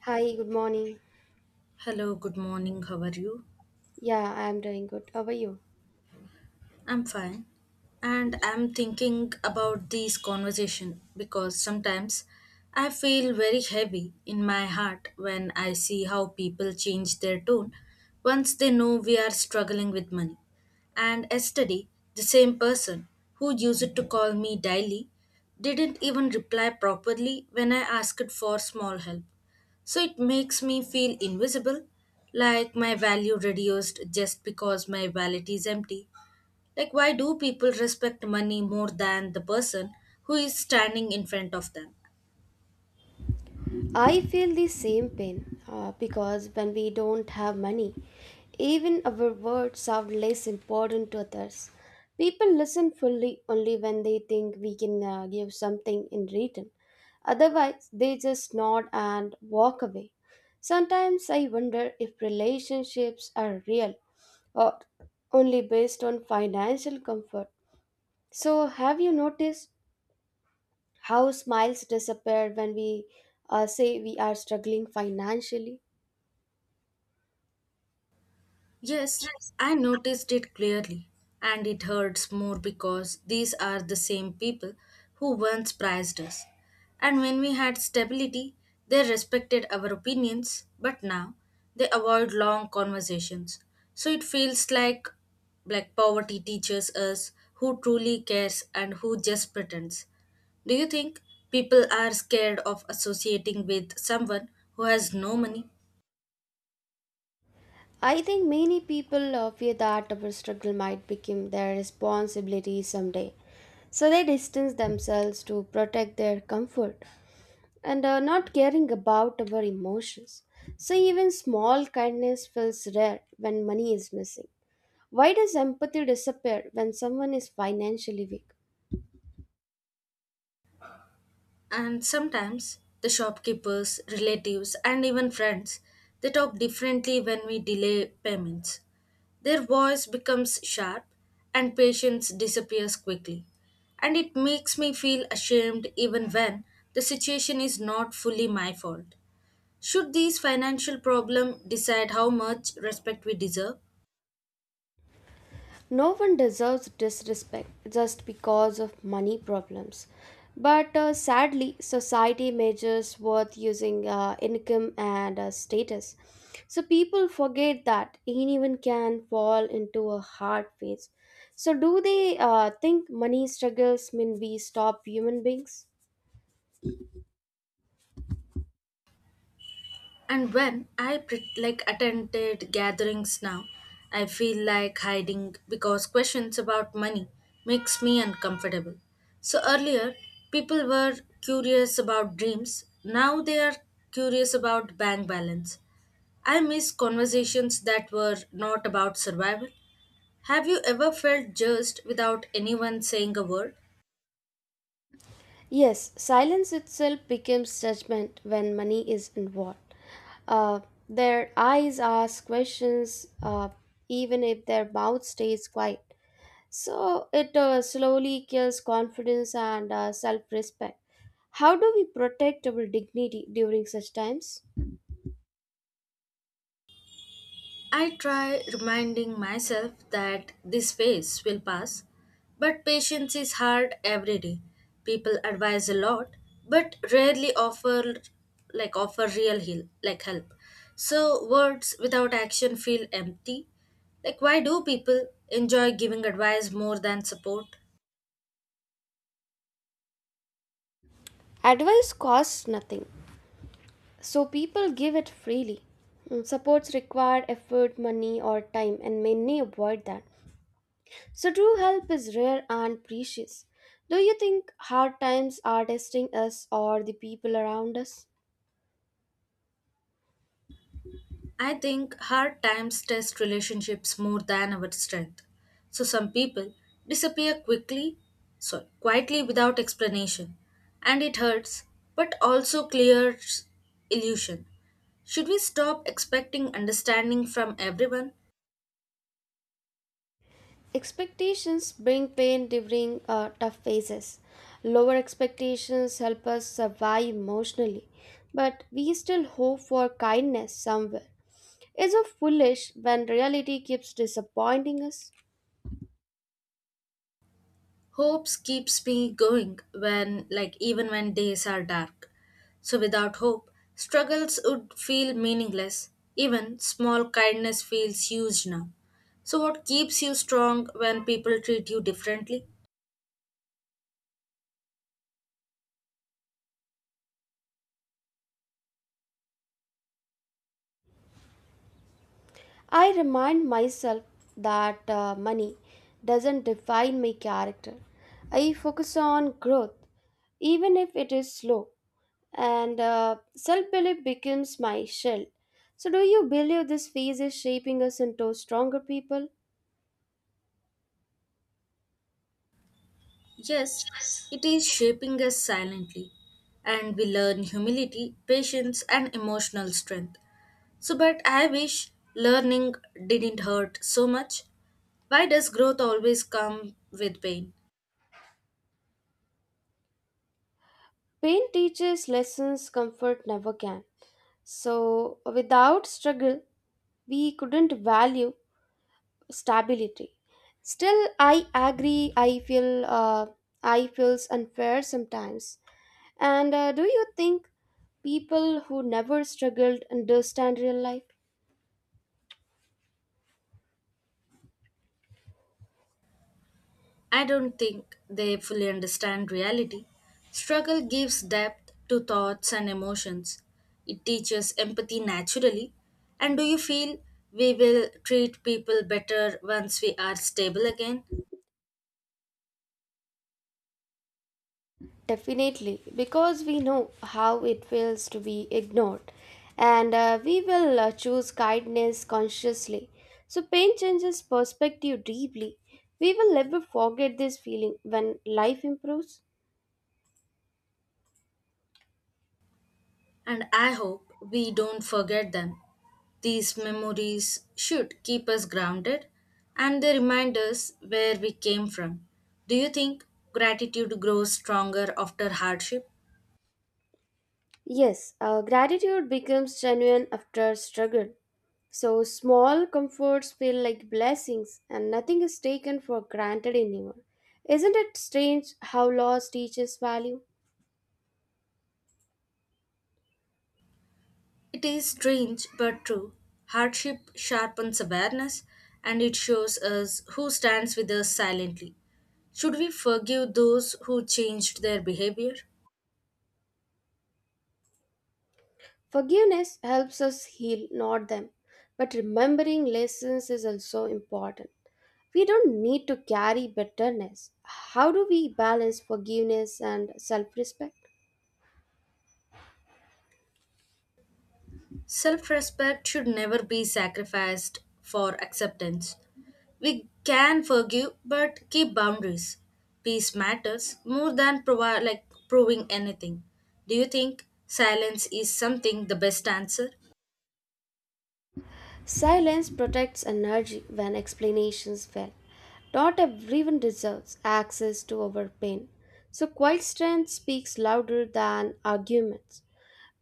Hi, good morning. Hello, good morning. How are you? Yeah, I am doing good. How are you? I'm fine. And I'm thinking about this conversation because sometimes I feel very heavy in my heart when I see how people change their tone once they know we are struggling with money. And yesterday, the same person who used to call me daily didn't even reply properly when I asked for small help. So it makes me feel invisible, like my value reduced just because my wallet is empty, like, why do people respect money more than the person who is standing in front of them? I feel the same pain because when we don't have money, even our words sound less important to others. People listen fully only when they think we can give something in return. Otherwise, they just nod and walk away. Sometimes I wonder if relationships are real or only based on financial comfort. So, have you noticed how smiles disappear when we say we are struggling financially. Yes, I noticed it clearly, and it hurts more because these are the same people who once prized us. And when we had stability, they respected our opinions, but now they avoid long conversations. So it feels like poverty teaches us who truly cares and who just pretends. Do you think people are scared of associating with someone who has no money? I think many people fear that our struggle might become their responsibility someday, so they distance themselves to protect their comfort and are not caring about our emotions. So, even small kindness feels rare when money is missing. Why does empathy disappear when someone is financially weak? And sometimes the shopkeepers, relatives, and even friends, they talk differently when we delay payments. Their voice becomes sharp and patience disappears quickly. And it makes me feel ashamed even when the situation is not fully my fault. Should these financial problems decide how much respect we deserve? No one deserves disrespect just because of money problems. But sadly, society measures worth using income and status. So people forget that anyone can fall into a hard phase. So, do they think money struggles mean we stop human beings? And when I pret like attended gatherings now, I feel like hiding because questions about money makes me uncomfortable. So earlier, people were curious about dreams. Now they are curious about bank balance. I miss conversations that were not about survival. Have you ever felt judged without anyone saying a word? Yes, silence itself becomes judgment when money is involved. Uh, their eyes ask questions, even if their mouth stays quiet. So it slowly kills confidence and self respect. How do we protect our dignity during such times? I try reminding myself that this phase will pass, but patience is hard every day. People advise a lot, but rarely offer like offer real heal like help. So words without action feel empty. Like, why do people enjoy giving advice more than support? Advice costs nothing, so people give it freely. Mm, supports require effort, money, or time, and many avoid that. So, true help is rare and precious. Do you think hard times are testing us or the people around us? I think hard times test relationships more than our strength. So some people disappear quickly, sorry, quietly without explanation, and it hurts, but also clears illusion. Should we stop expecting understanding from everyone? Expectations bring pain during tough phases. Lower expectations help us survive emotionally, but we still hope for kindness somewhere. Is it foolish when reality keeps disappointing us? Hopes keeps me going when like even when days are dark. So without hope, struggles would feel meaningless. Even small kindness feels huge now. So what keeps you strong when people treat you differently? I remind myself that money doesn't define my character. I focus on growth, even if it is slow, and self belief becomes my shield. So, do you believe this phase is shaping us into stronger people? Yes, it is shaping us silently. And we learn humility, patience and emotional strength. So, but I wish learning didn't hurt so much. Why does growth always come with pain? Pain teaches lessons comfort never can. So, without struggle, we couldn't value stability still I agree I feel uh, I feels unfair sometimes and do you think people who never struggled understand real life I don't think they fully understand reality. Struggle gives depth to thoughts and emotions. It teaches empathy naturally. And do you feel we will treat people better once we are stable again? definitely because we know how it feels to be ignored and we will choose kindness consciously so pain changes perspective deeply we will never forget this feeling when life improves. And I hope we don't forget them. These memories should keep us grounded and they remind us where we came from. Do you think gratitude grows stronger after hardship? Yes, gratitude becomes genuine after struggle. So small comforts feel like blessings, and nothing is taken for granted anymore. Isn't it strange how loss teaches value? It is strange but true. Hardship sharpens awareness and it shows us who stands with us silently. Should we forgive those who changed their behavior? Forgiveness helps us heal, not them. But remembering lessons is also important. We don't need to carry bitterness. How do we balance forgiveness and self respect? Self respect should never be sacrificed for acceptance. We can forgive but keep boundaries. Peace matters more than proving anything. Do you think silence is something the best answer? Silence protects energy when explanations fail. Not everyone deserves access to our pain. So quiet strength speaks louder than arguments.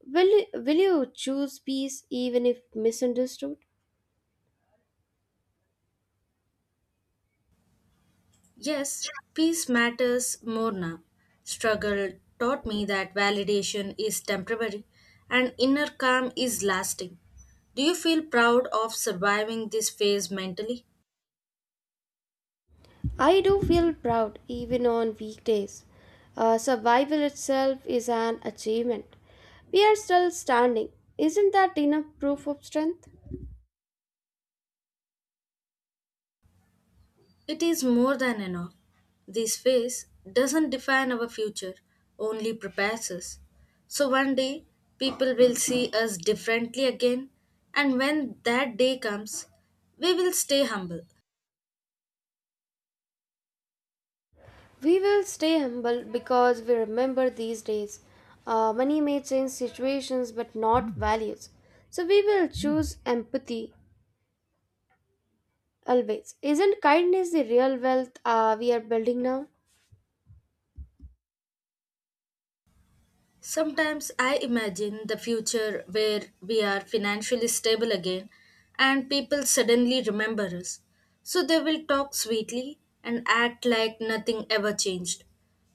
Will you choose peace even if misunderstood? Yes, peace matters more now. Struggle taught me that validation is temporary and inner calm is lasting. Do you feel proud of surviving this phase mentally? I do feel proud even on weekdays. Survival itself is an achievement. We are still standing. Isn't that enough proof of strength? It is more than enough. This phase doesn't define our future, only prepares us. So one day, people will see us differently again, and when that day comes, we will stay humble. We will stay humble because we remember these days. Money may change situations but not values. So we will choose empathy always. Isn't kindness the real wealth we are building now? Sometimes I imagine the future where we are financially stable again and people suddenly remember us. So they will talk sweetly and act like nothing ever changed.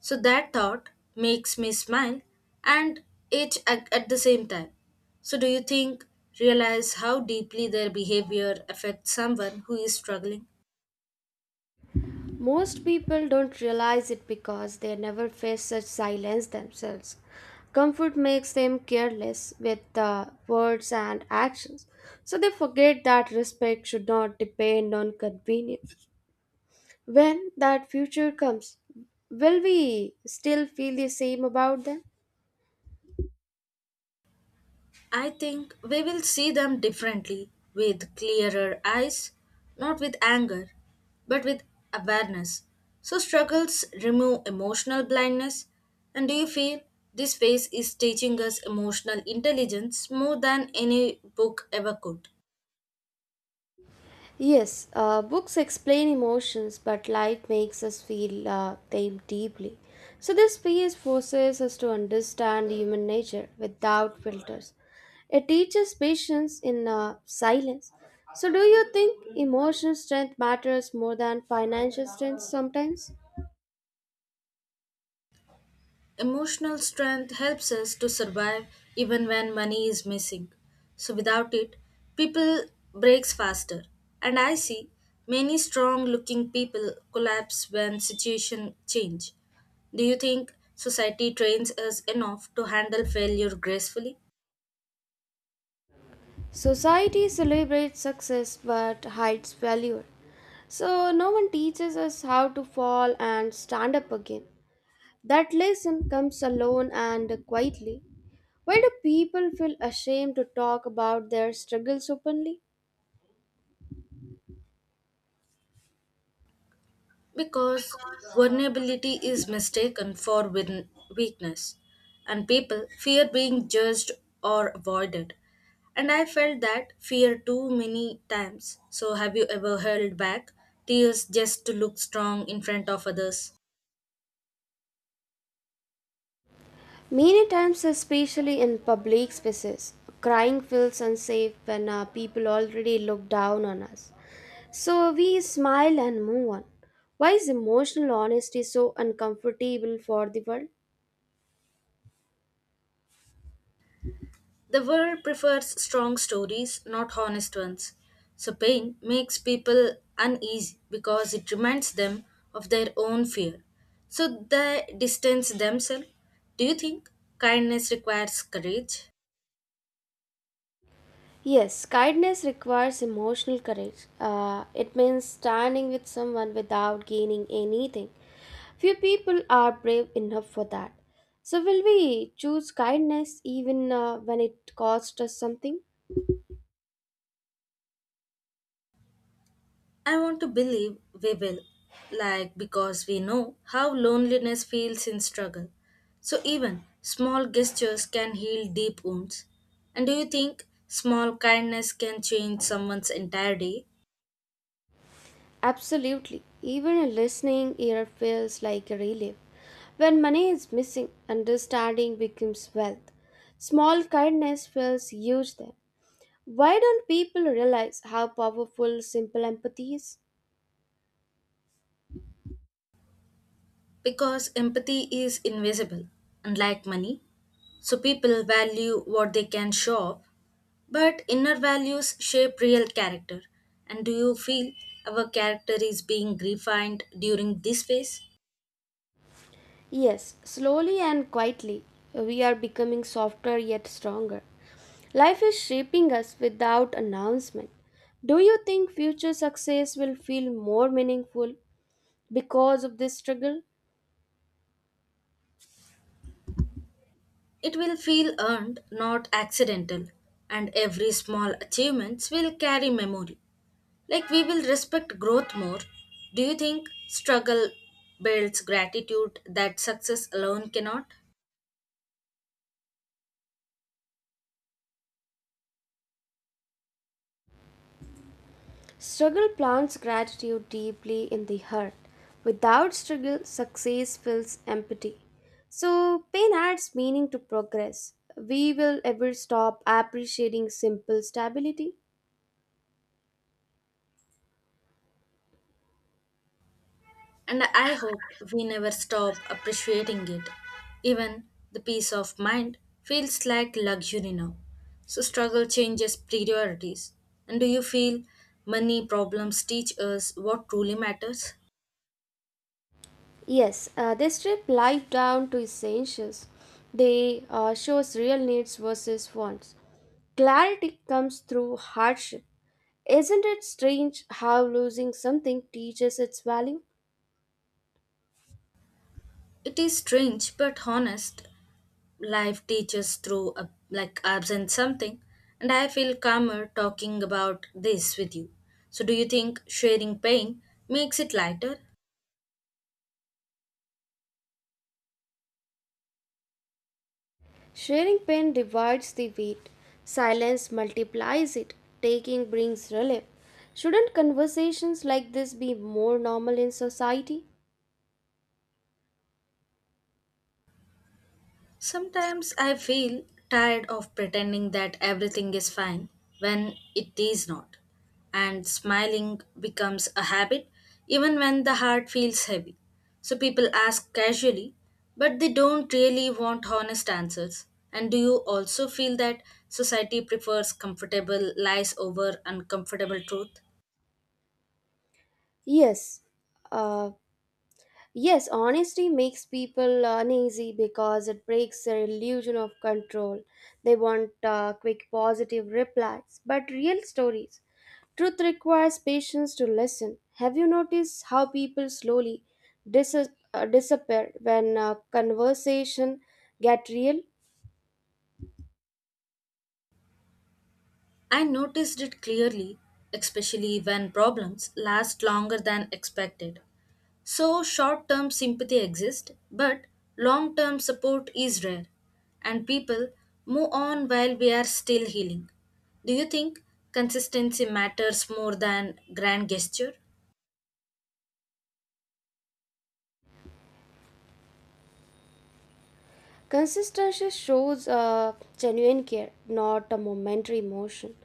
So that thought makes me smile and itch at the same time. So do you think realize how deeply their behavior affects someone who is struggling? Most people don't realize it because they never face such silence themselves. Comfort makes them careless with words and actions. So they forget that respect should not depend on convenience. When that future comes, will we still feel the same about them? I think we will see them differently with clearer eyes, not with anger, but with awareness. So, struggles remove emotional blindness. And do you feel this phase is teaching us emotional intelligence more than any book ever could? Yes, books explain emotions, but life makes us feel them deeply. So, this piece forces us to understand human nature without filters. It teaches patience in silence. So, do you think emotional strength matters more than financial strength sometimes? Emotional strength helps us to survive even when money is missing. So without it, people breaks faster. And I see many strong looking people collapse when situation change. Do you think society trains us enough to handle failure gracefully? Society celebrates success but hides failure. So no one teaches us how to fall and stand up again. That lesson comes alone and quietly. Why do people feel ashamed to talk about their struggles openly? Because vulnerability is mistaken for weakness, and people fear being judged or avoided, and I felt that fear too many times. So have you ever held back tears just to look strong in front of others? Many times, especially in public spaces, crying feels unsafe when people already look down on us. So we smile and move on. Why is emotional honesty so uncomfortable for the world? The world prefers strong stories, not honest ones. So, pain makes people uneasy because it reminds them of their own fear. So, they distance themselves. Do you think kindness requires courage? Yes, kindness requires emotional courage. It means standing with someone without gaining anything. Few people are brave enough for that. So, will we choose kindness even when it costs us something? I want to believe we will, like, because we know how loneliness feels in struggle. So, even small gestures can heal deep wounds. And do you think small kindness can change someone's entire day? Absolutely. Even a listening ear feels like a relief. When money is missing, understanding becomes wealth. Small kindness feels huge then. Why don't people realize how powerful simple empathy is? Because empathy is invisible, unlike money. So people value what they can show off. But inner values shape real character. And do you feel our character is being refined during this phase? Yes, slowly and quietly, we are becoming softer yet stronger. Life is shaping us without announcement. Do you think future success will feel more meaningful because of this struggle? It will feel earned, not accidental. And every small achievements will carry memory. Like, we will respect growth more. Do you think struggle builds gratitude that success alone cannot? Struggle plants gratitude deeply in the heart. Without struggle, success feels empty. So, pain adds meaning to progress. We will ever stop appreciating simple stability. And I hope we never stop appreciating it. Even the peace of mind feels like luxury now. So struggle changes priorities. And do you feel money problems teach us what truly matters? Yes, they strip life down to essentials. They shows real needs versus wants. Clarity comes through hardship. Isn't it strange how losing something teaches its value? It is strange but honest. Life teaches through a, like absent something, and I feel calmer talking about this with you. So do you think sharing pain makes it lighter? Sharing pain divides the weight. Silence multiplies it. Taking brings relief. Shouldn't conversations like this be more normal in society? Sometimes I feel tired of pretending that everything is fine when it is not, and smiling becomes a habit even when the heart feels heavy. So people ask casually, but they don't really want honest answers. And do you also feel that society prefers comfortable lies over uncomfortable truth? Yes, uh, Yes, honesty makes people uneasy because it breaks their illusion of control. They want quick positive replies, but real stories. Truth requires patience to listen. Have you noticed how people slowly dis- disappear when conversation get real? I noticed it clearly, especially when problems last longer than expected. So, short term sympathy exists, but long term support is rare, and people move on while we are still healing. Do you think consistency matters more than grand gesture? Consistency shows a genuine care, not a momentary emotion.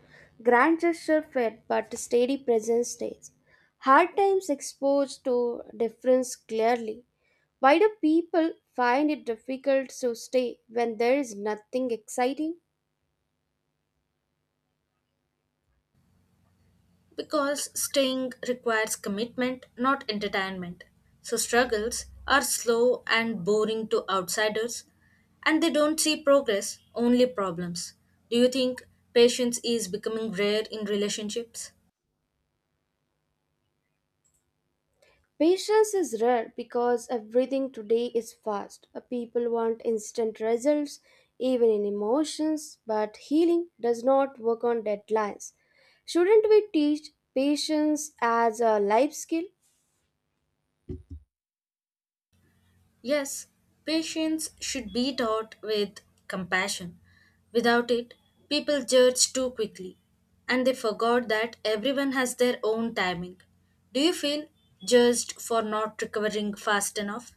Grand gesture fade, but steady presence stays. Hard times expose to difference clearly. Why do people find it difficult to stay when there is nothing exciting? Because staying requires commitment, not entertainment. So struggles are slow and boring to outsiders, and they don't see progress, only problems. Do you think patience is becoming rare in relationships? Patience is rare because everything today is fast. People want instant results, even in emotions, but healing does not work on deadlines. Shouldn't we teach patience as a life skill? Yes, patience should be taught with compassion. Without it, people judge too quickly, and they forgot that everyone has their own timing. Do you feel judged for not recovering fast enough?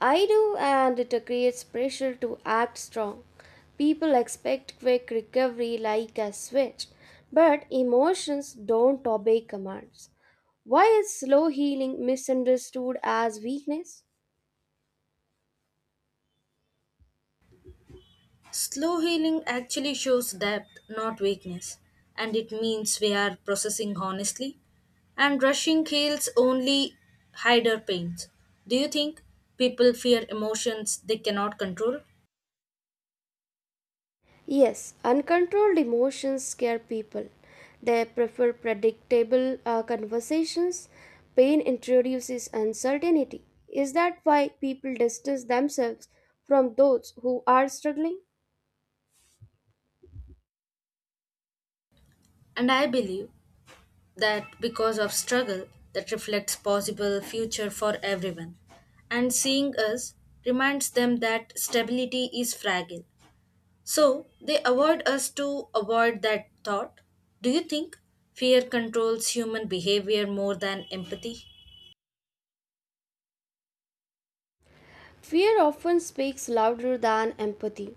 I do, and it creates pressure to act strong. People expect quick recovery like a switch, but emotions don't obey commands. Why is slow healing misunderstood as weakness? Slow healing actually shows depth, not weakness, and it means we are processing honestly, and rushing heals only hide our pains. Do you think people fear emotions they cannot control? Yes, uncontrolled emotions scare people. They prefer predictable conversations. Pain introduces uncertainty. Is that why people distance themselves from those who are struggling? And I believe that because of struggle that reflects possible future for everyone, and seeing us reminds them that stability is fragile. So they avoid us to avoid that thought. Do you think fear controls human behavior more than empathy? Fear often speaks louder than empathy.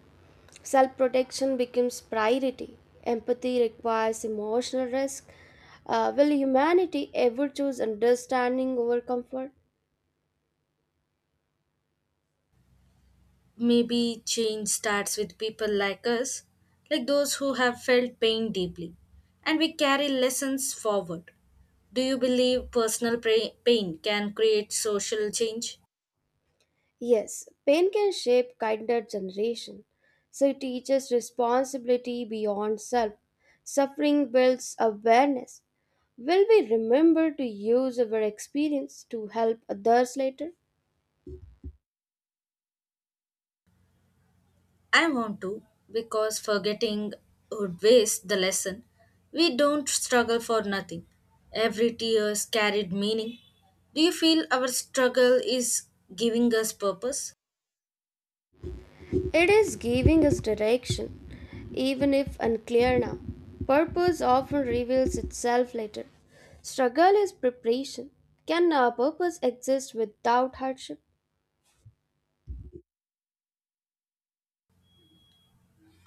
Self protection becomes priority. Empathy requires emotional risk. Will humanity ever choose understanding over comfort? Maybe change starts with people like us, like those who have felt pain deeply, and we carry lessons forward. Do you believe personal pain can create social change? Yes, pain can shape kinder generation. So it teaches responsibility beyond self. Suffering builds awareness. Will we remember to use our experience to help others later? I want to, because forgetting would waste the lesson. We don't struggle for nothing. Every tears carried meaning. Do you feel our struggle is giving us purpose? It is giving us direction, even if unclear now. Purpose often reveals itself later. Struggle is preparation. Can a purpose exist without hardship?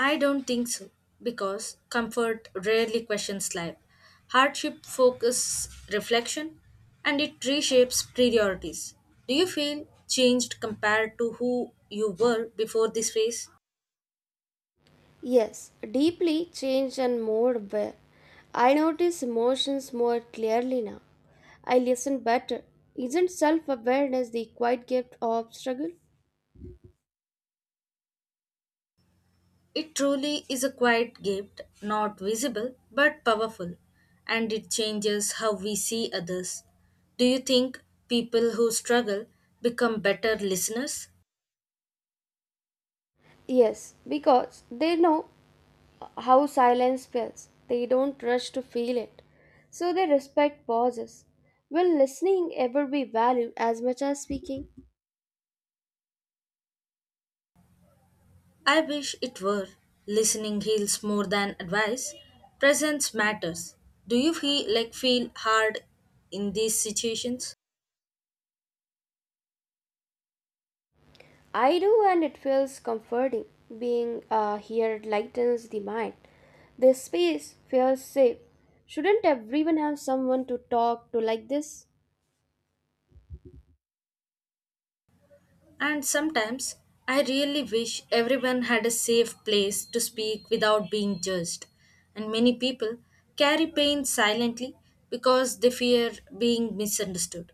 I don't think so because comfort rarely questions life. Hardship focuses reflection and it reshapes priorities. Do you feel changed compared to who you were before this phase? Yes, deeply changed and more aware. I notice emotions more clearly now. I listen better. Isn't self awareness the quiet gift of struggle? It truly is a quiet gift, not visible but powerful, and it changes how we see others. Do you think people who struggle become better listeners? Yes, because they know how silence feels. They don't rush to feel it. So they respect pauses. Will listening ever be valued as much as speaking? I wish it were. Listening heals more than advice. Presence matters. Do you feel hard in these situations? I do, and it feels comforting. Being here lightens the mind. This space feels safe. Shouldn't everyone have someone to talk to like this? And sometimes I really wish everyone had a safe place to speak without being judged. And many people carry pain silently because they fear being misunderstood.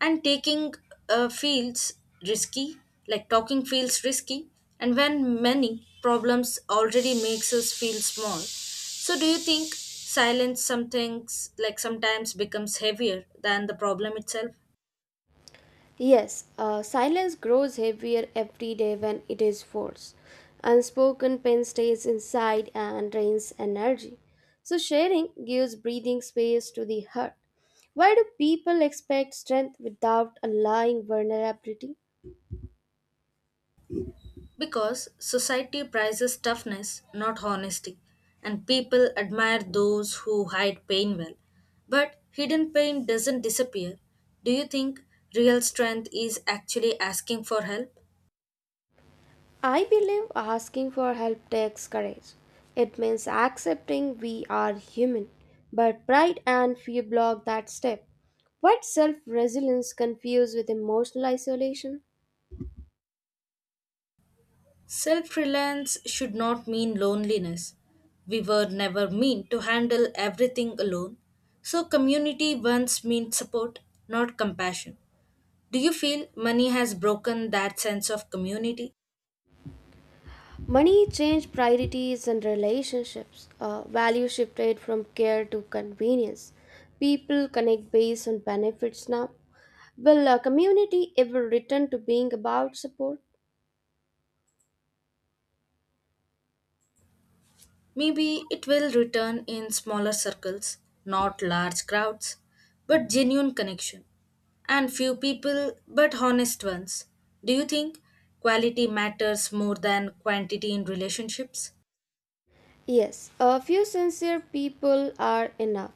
And taking feels risky, like talking feels risky, and when many problems already makes us feel small. So do you think silence something like sometimes becomes heavier than the problem itself? Yes, silence grows heavier every day when it is forced. Unspoken pain stays inside and drains energy. So, sharing gives breathing space to the heart. Why do people expect strength without allowing vulnerability? Because society prizes toughness, not honesty, and people admire those who hide pain well. But hidden pain doesn't disappear. Do you think real strength is actually asking for help? I believe asking for help takes courage. It means accepting we are human, but pride and fear block that step. What self resilience confused with emotional isolation? Self reliance should not mean loneliness. We were never meant to handle everything alone. So, community once meant support, not compassion. Do you feel money has broken that sense of community? Money changed priorities and relationships. Value shifted from care to convenience. People connect based on benefits now. Will a community ever return to being about support? Maybe it will return in smaller circles, not large crowds, but genuine connection. And few people, but honest ones. Do you think quality matters more than quantity in relationships? Yes, a few sincere people are enough,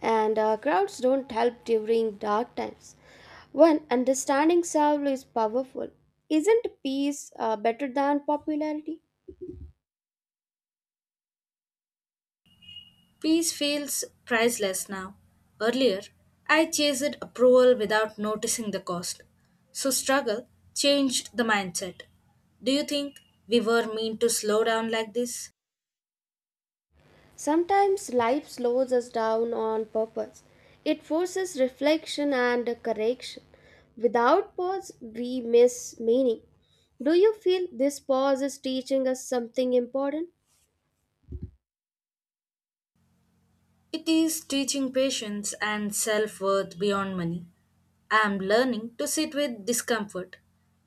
and crowds don't help during dark times. One understanding self is powerful, isn't peace better than popularity? Peace feels priceless now. Earlier, I chased approval without noticing the cost. So, struggle changed the mindset. Do you think we were meant to slow down like this? Sometimes life slows us down on purpose. It forces reflection and correction. Without pause, we miss meaning. Do you feel this pause is teaching us something important? It is teaching patience and self worth beyond money. I am learning to sit with discomfort.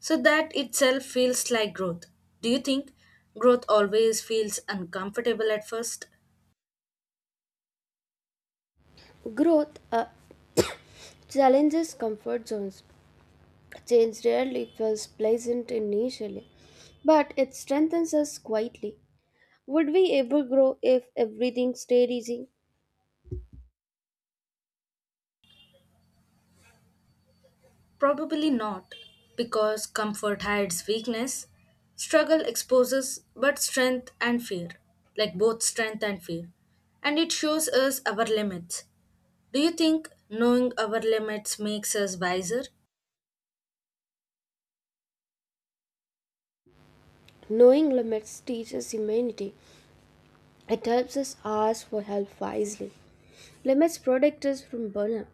So that itself feels like growth. Do you think growth always feels uncomfortable at first? Growth challenges comfort zones. Change rarely feels pleasant initially, but it strengthens us quietly. Would we ever grow if everything stayed easy? Probably not, because comfort hides weakness, struggle exposes but strength and fear, like both strength and fear. And it shows us our limits. Do you think knowing our limits makes us wiser? Knowing limits teaches humanity. It helps us ask for help wisely. Limits protect us from burnout.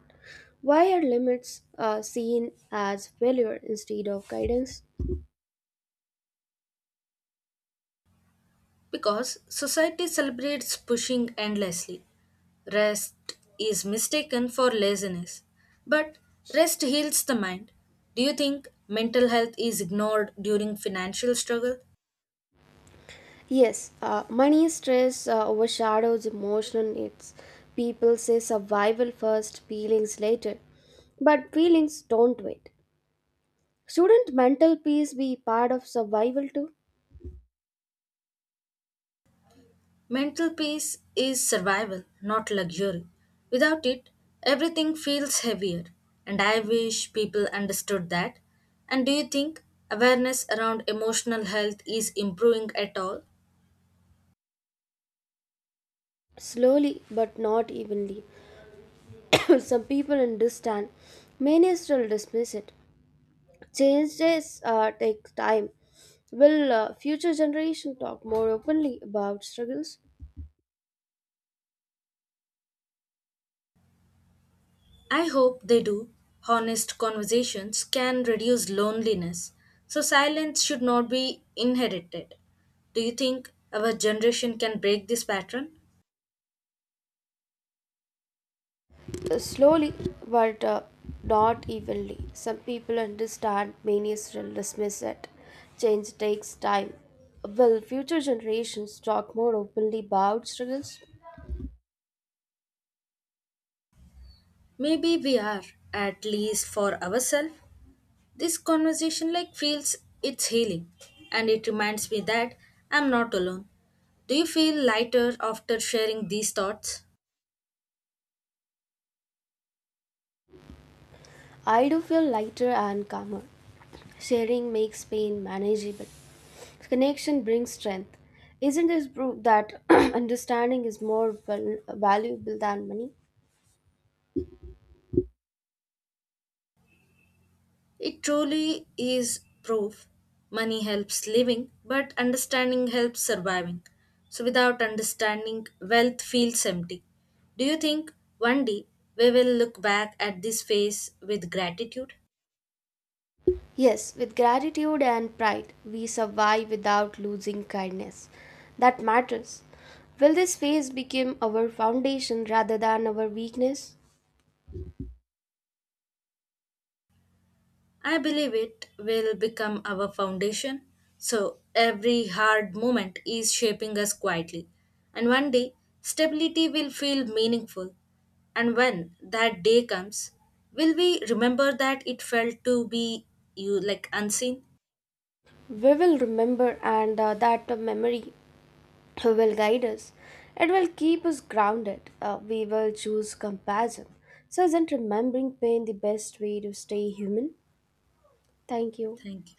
Why are limits seen as failure instead of guidance? Because society celebrates pushing endlessly. Rest is mistaken for laziness. But rest heals the mind. Do you think mental health is ignored during financial struggle? Yes, money stress overshadows emotional needs. People say survival first, feelings later. But feelings don't wait. Shouldn't mental peace be part of survival too? Mental peace is survival, not luxury. Without it, everything feels heavier. And I wish people understood that. And do you think awareness around emotional health is improving at all? Slowly but not evenly. Some people understand, many still dismiss it. Changes take time. Will future generation talk more openly about struggles? I hope they do. Honest conversations can reduce loneliness, so silence should not be inherited. Do you think our generation can break this pattern? Slowly but not evenly. Some people understand, many still dismiss it. Change takes time. Will future generations talk more openly about struggles? Maybe we are, at least for ourselves. This conversation like feels it's healing and it reminds me that I'm not alone. Do you feel lighter after sharing these thoughts? I do feel lighter and calmer. Sharing makes pain manageable. Connection brings strength. Isn't this proof that understanding is more valuable than money? It truly is proof. Money helps living, but understanding helps surviving. So, without understanding, wealth feels empty. Do you think one day we will look back at this phase with gratitude? Yes, with gratitude and pride, we survive without losing kindness. That matters. Will this phase become our foundation rather than our weakness? I believe it will become our foundation. So every hard moment is shaping us quietly. And one day, stability will feel meaningful. And when that day comes, will we remember that it felt to be you like unseen? We will remember, and that memory will guide us. It will keep us grounded. We will choose compassion. So, isn't remembering pain the best way to stay human? Thank you. Thank you.